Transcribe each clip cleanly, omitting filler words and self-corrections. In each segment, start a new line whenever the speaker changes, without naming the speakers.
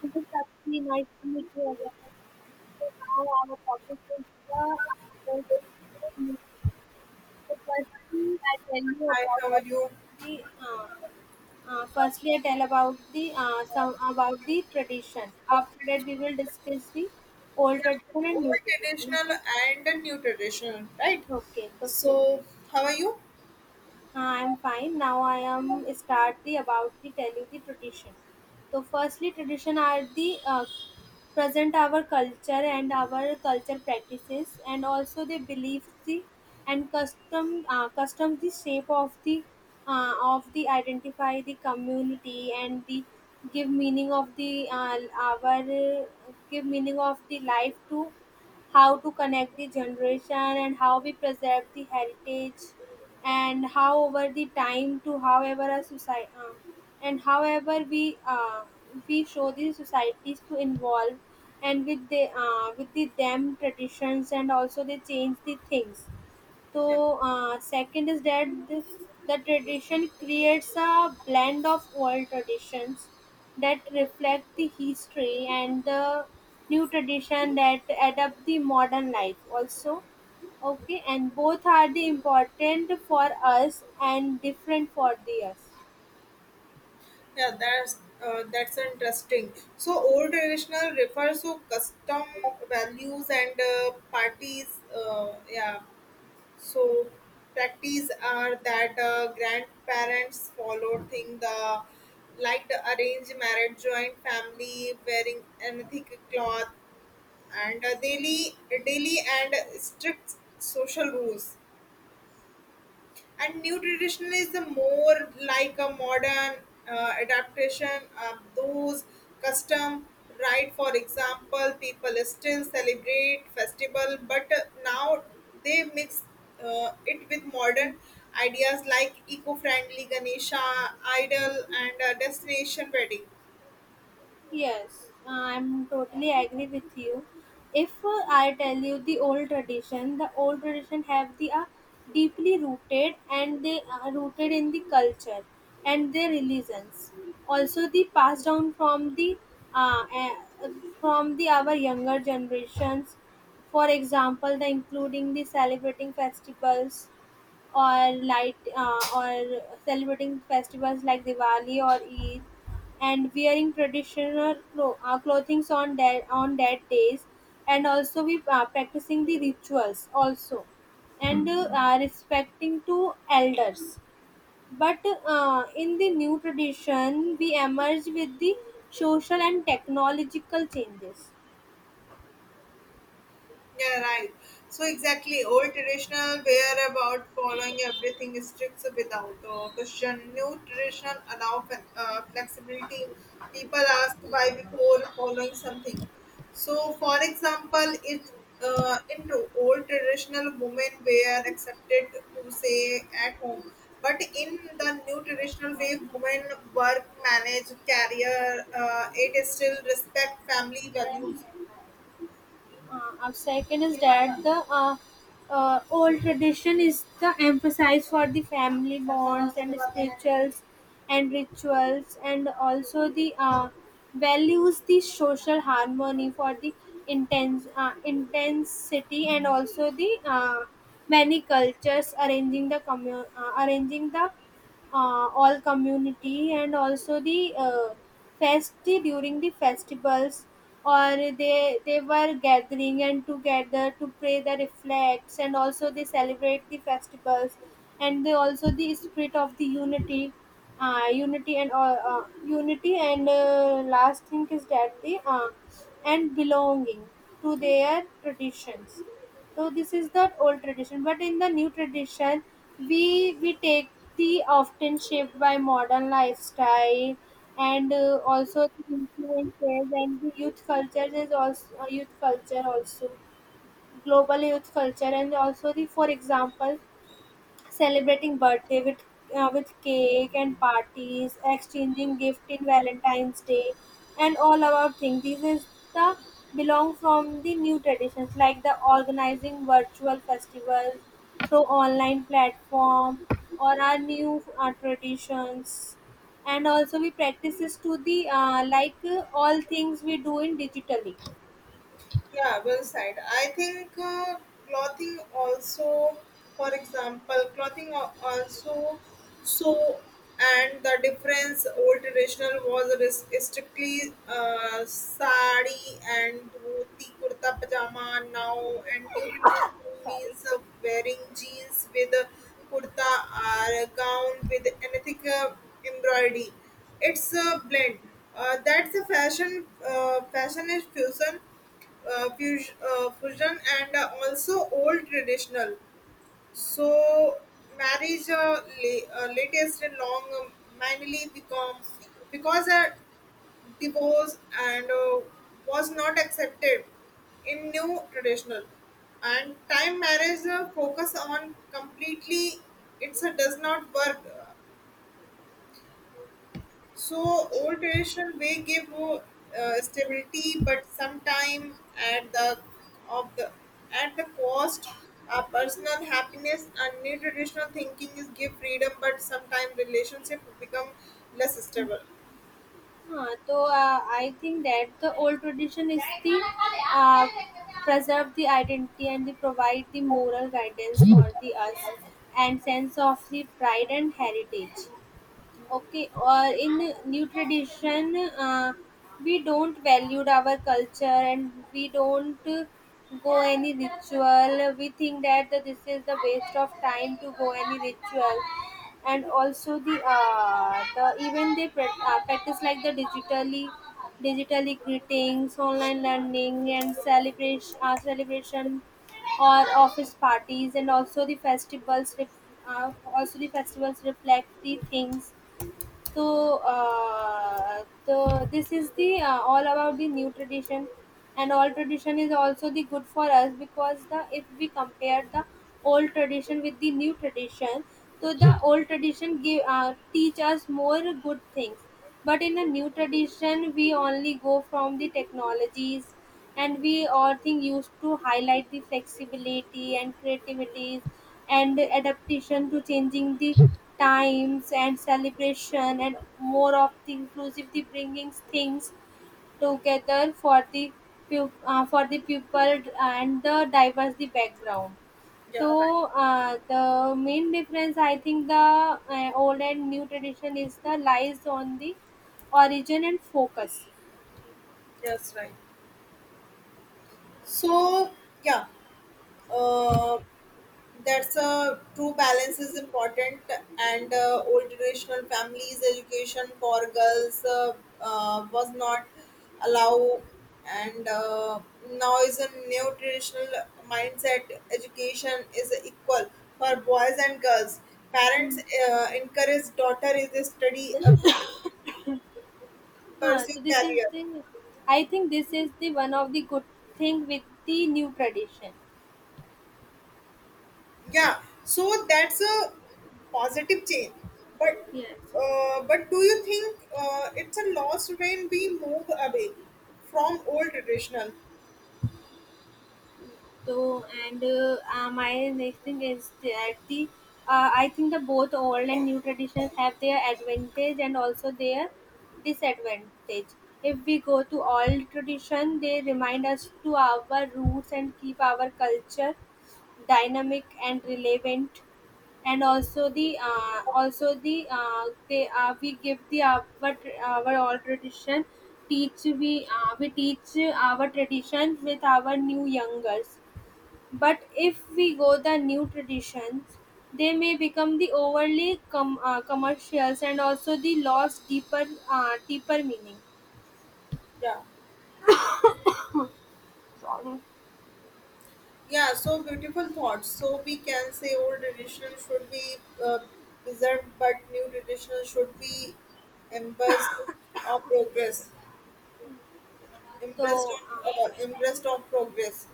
It is actually nice to meet you again. So now our topic is the agricultural movement. So firstly, I tell you
Hi, how are
about
you?
the. Firstly, I tell about the some about the tradition. After that, we will discuss the old
Yeah,
tradition
old
and new tradition.
traditional
Okay.
and the new traditional, right?
Okay. So
So, how are you?
I'm fine. Now I am start the about the telling the tradition. So firstly, tradition are the present our culture and our culture practices, and also they believe the and custom custom the shape of the identify the community and the give meaning of the our give meaning of the life to how to connect the generation and how we preserve the heritage and how over the time to however a society and however we we show the societies to involve and with the with the them traditions and also they change the things
Yeah,
so second is that this, the tradition creates a blend of old traditions that reflect the history and the new tradition that adapt the modern life also. Okay, and both are the important for us and different for the us.
yeah, that's that's interesting. So, old traditional refers to custom values and parties. Yeah, so practice are that grandparents followed thing the like the arranged marriage, joint family, wearing anything cloth, and daily and strict social rules, and new tradition is the more like a modern adaptation of those custom, right? For example, people still celebrate festival, but now they mix it with modern ideas like eco-friendly Ganesha idol and destination wedding.
Yes, I'm totally agree with you. If I tell you the old tradition have the deeply rooted and they are rooted in the culture and their religions. Also, the passed down uh, uh, from the our younger generations. For example, the including the celebrating festivals or light or celebrating festivals like Diwali or Eid and wearing traditional clothing on that days and also we practicing the rituals also and respecting to elders but in the new tradition we emerge with the social and technological changes.
Yeah, right. So exactly, old traditional were about following everything strict without question. New traditional allow flexibility. People ask why before following something. So, for example, it into old traditional women were accepted to say at home, but in the new traditional way, women work, manage, career. It is still respect family values.
Our second is that the old tradition is the emphasis for the family bonds and spirituals and rituals and also the values the social harmony for the intense intensity and also the many cultures arranging the arranging the all community and also the fest during the festivals or they were gathering and together to pray the reflects and also they celebrate the festivals and they also the spirit of the unity unity and last thing is that the and belonging to their traditions. So this is the old tradition, but in the new tradition, we take the often shaped by modern lifestyle and also the influences and the youth culture is also youth culture also global youth culture and also the for example celebrating birthday with cake and parties, exchanging gift in Valentine's Day, and all about things. These is the belong from the new traditions like the organizing virtual festivals through online platform or our new traditions and also we practices to the like all things we do in digitally.
Yeah, well said. I think clothing also, for example, also, so, and the difference old traditional was strictly sari and dhoti, kurta, pajama, now and new traditional
Sorry.
means wearing jeans with a kurta or a gown with anything embroidery. It's a blend. That's a fashion. Fashion is fusion, fusion. And also old traditional. So marriage, latest and long, mainly become because a divorce and was not accepted in new traditional, and time marriage focus on completely, it's a does not work. So old tradition way give stability, but sometime at the of the at the cost personal happiness, and new traditional thinking is give freedom, but sometimes relationship become less stable.
Huh, so I think that the old tradition is the uh, preserve the identity and the provide the moral guidance for the us and sense of the pride and heritage. Okay, or in new tradition we don't valued our culture and we don't go any ritual, we think that the- this is the waste of time to go any ritual and also the the even they practice like the digitally, digitally greetings, online learning and celebration celebration or office parties and also the festivals uh, also the festivals reflect the things. So the this is the all about the new tradition, and all tradition is also the good for us because the if we compare the old tradition with the new tradition, so the old tradition give teach us more good things, but in a new tradition we only go from the technologies and we authing used to highlight the flexibility and creativity and adaptation to changing the times and celebration and more of the inclusive the bringing things together for the for the people and the diverse the background. So
Yeah, right.
the main difference I think the old and new tradition is the lies on the origin and focus.
Yes, right. So yeah, uh, that's a true, balance is important. And old traditional families education for girls, was not allowed, and now is a neo traditional mindset, education is equal for boys and girls. Parents encourage daughter is a study abroad,
Huh?
pursue
So this is
career.
the, I think this is the one of the good thing with the new tradition.
Yeah, so that's a positive change. But
Yes.
but do you think it's a loss when we move away from old traditional?
So and my next thing is that the I think the both old and new traditions have their advantage and also their disadvantage. If we go to old tradition, they remind us to our roots and keep our culture dynamic and relevant and also they we give the our old tradition teach we teach our tradition with our new youngers but if we go the new traditions, they may become the overly commercials and also the lost deeper deeper meaning.
Yeah, yeah. So beautiful thoughts. So we can say old traditional should be uh, preserved, but new traditional should be embraced of progress. Embraced,
So
embraced of progress.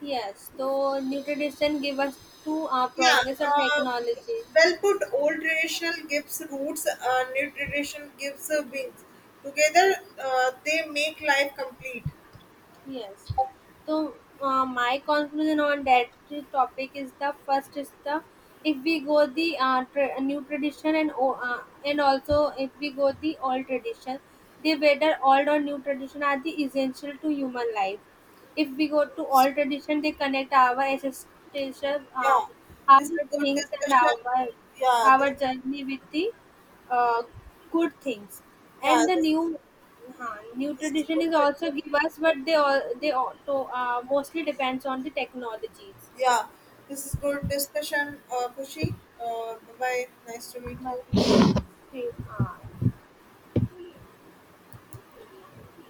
yes, so new tradition give us to
Yeah,
progress or
uh,
technology.
well put. Old tradition gives roots, new tradition gives wings. Together, they make life complete.
Yes. So my conclusion on that topic is the first is the if we go the new tradition and and also if we go the old tradition, the whether old or new tradition are the essential to human life, if we go to
So,
all tradition they connect our ancestors
yeah, this is
our
good
things and
discussion. Yeah, this,
our journey with the uh, good things
yeah,
and the
this,
new new
this is
tradition
good.
is also give us but they all, to, mostly depends on the technologies.
Yeah, this is good discussion. Kushi, bye bye. Nice to meet you.
But, uh,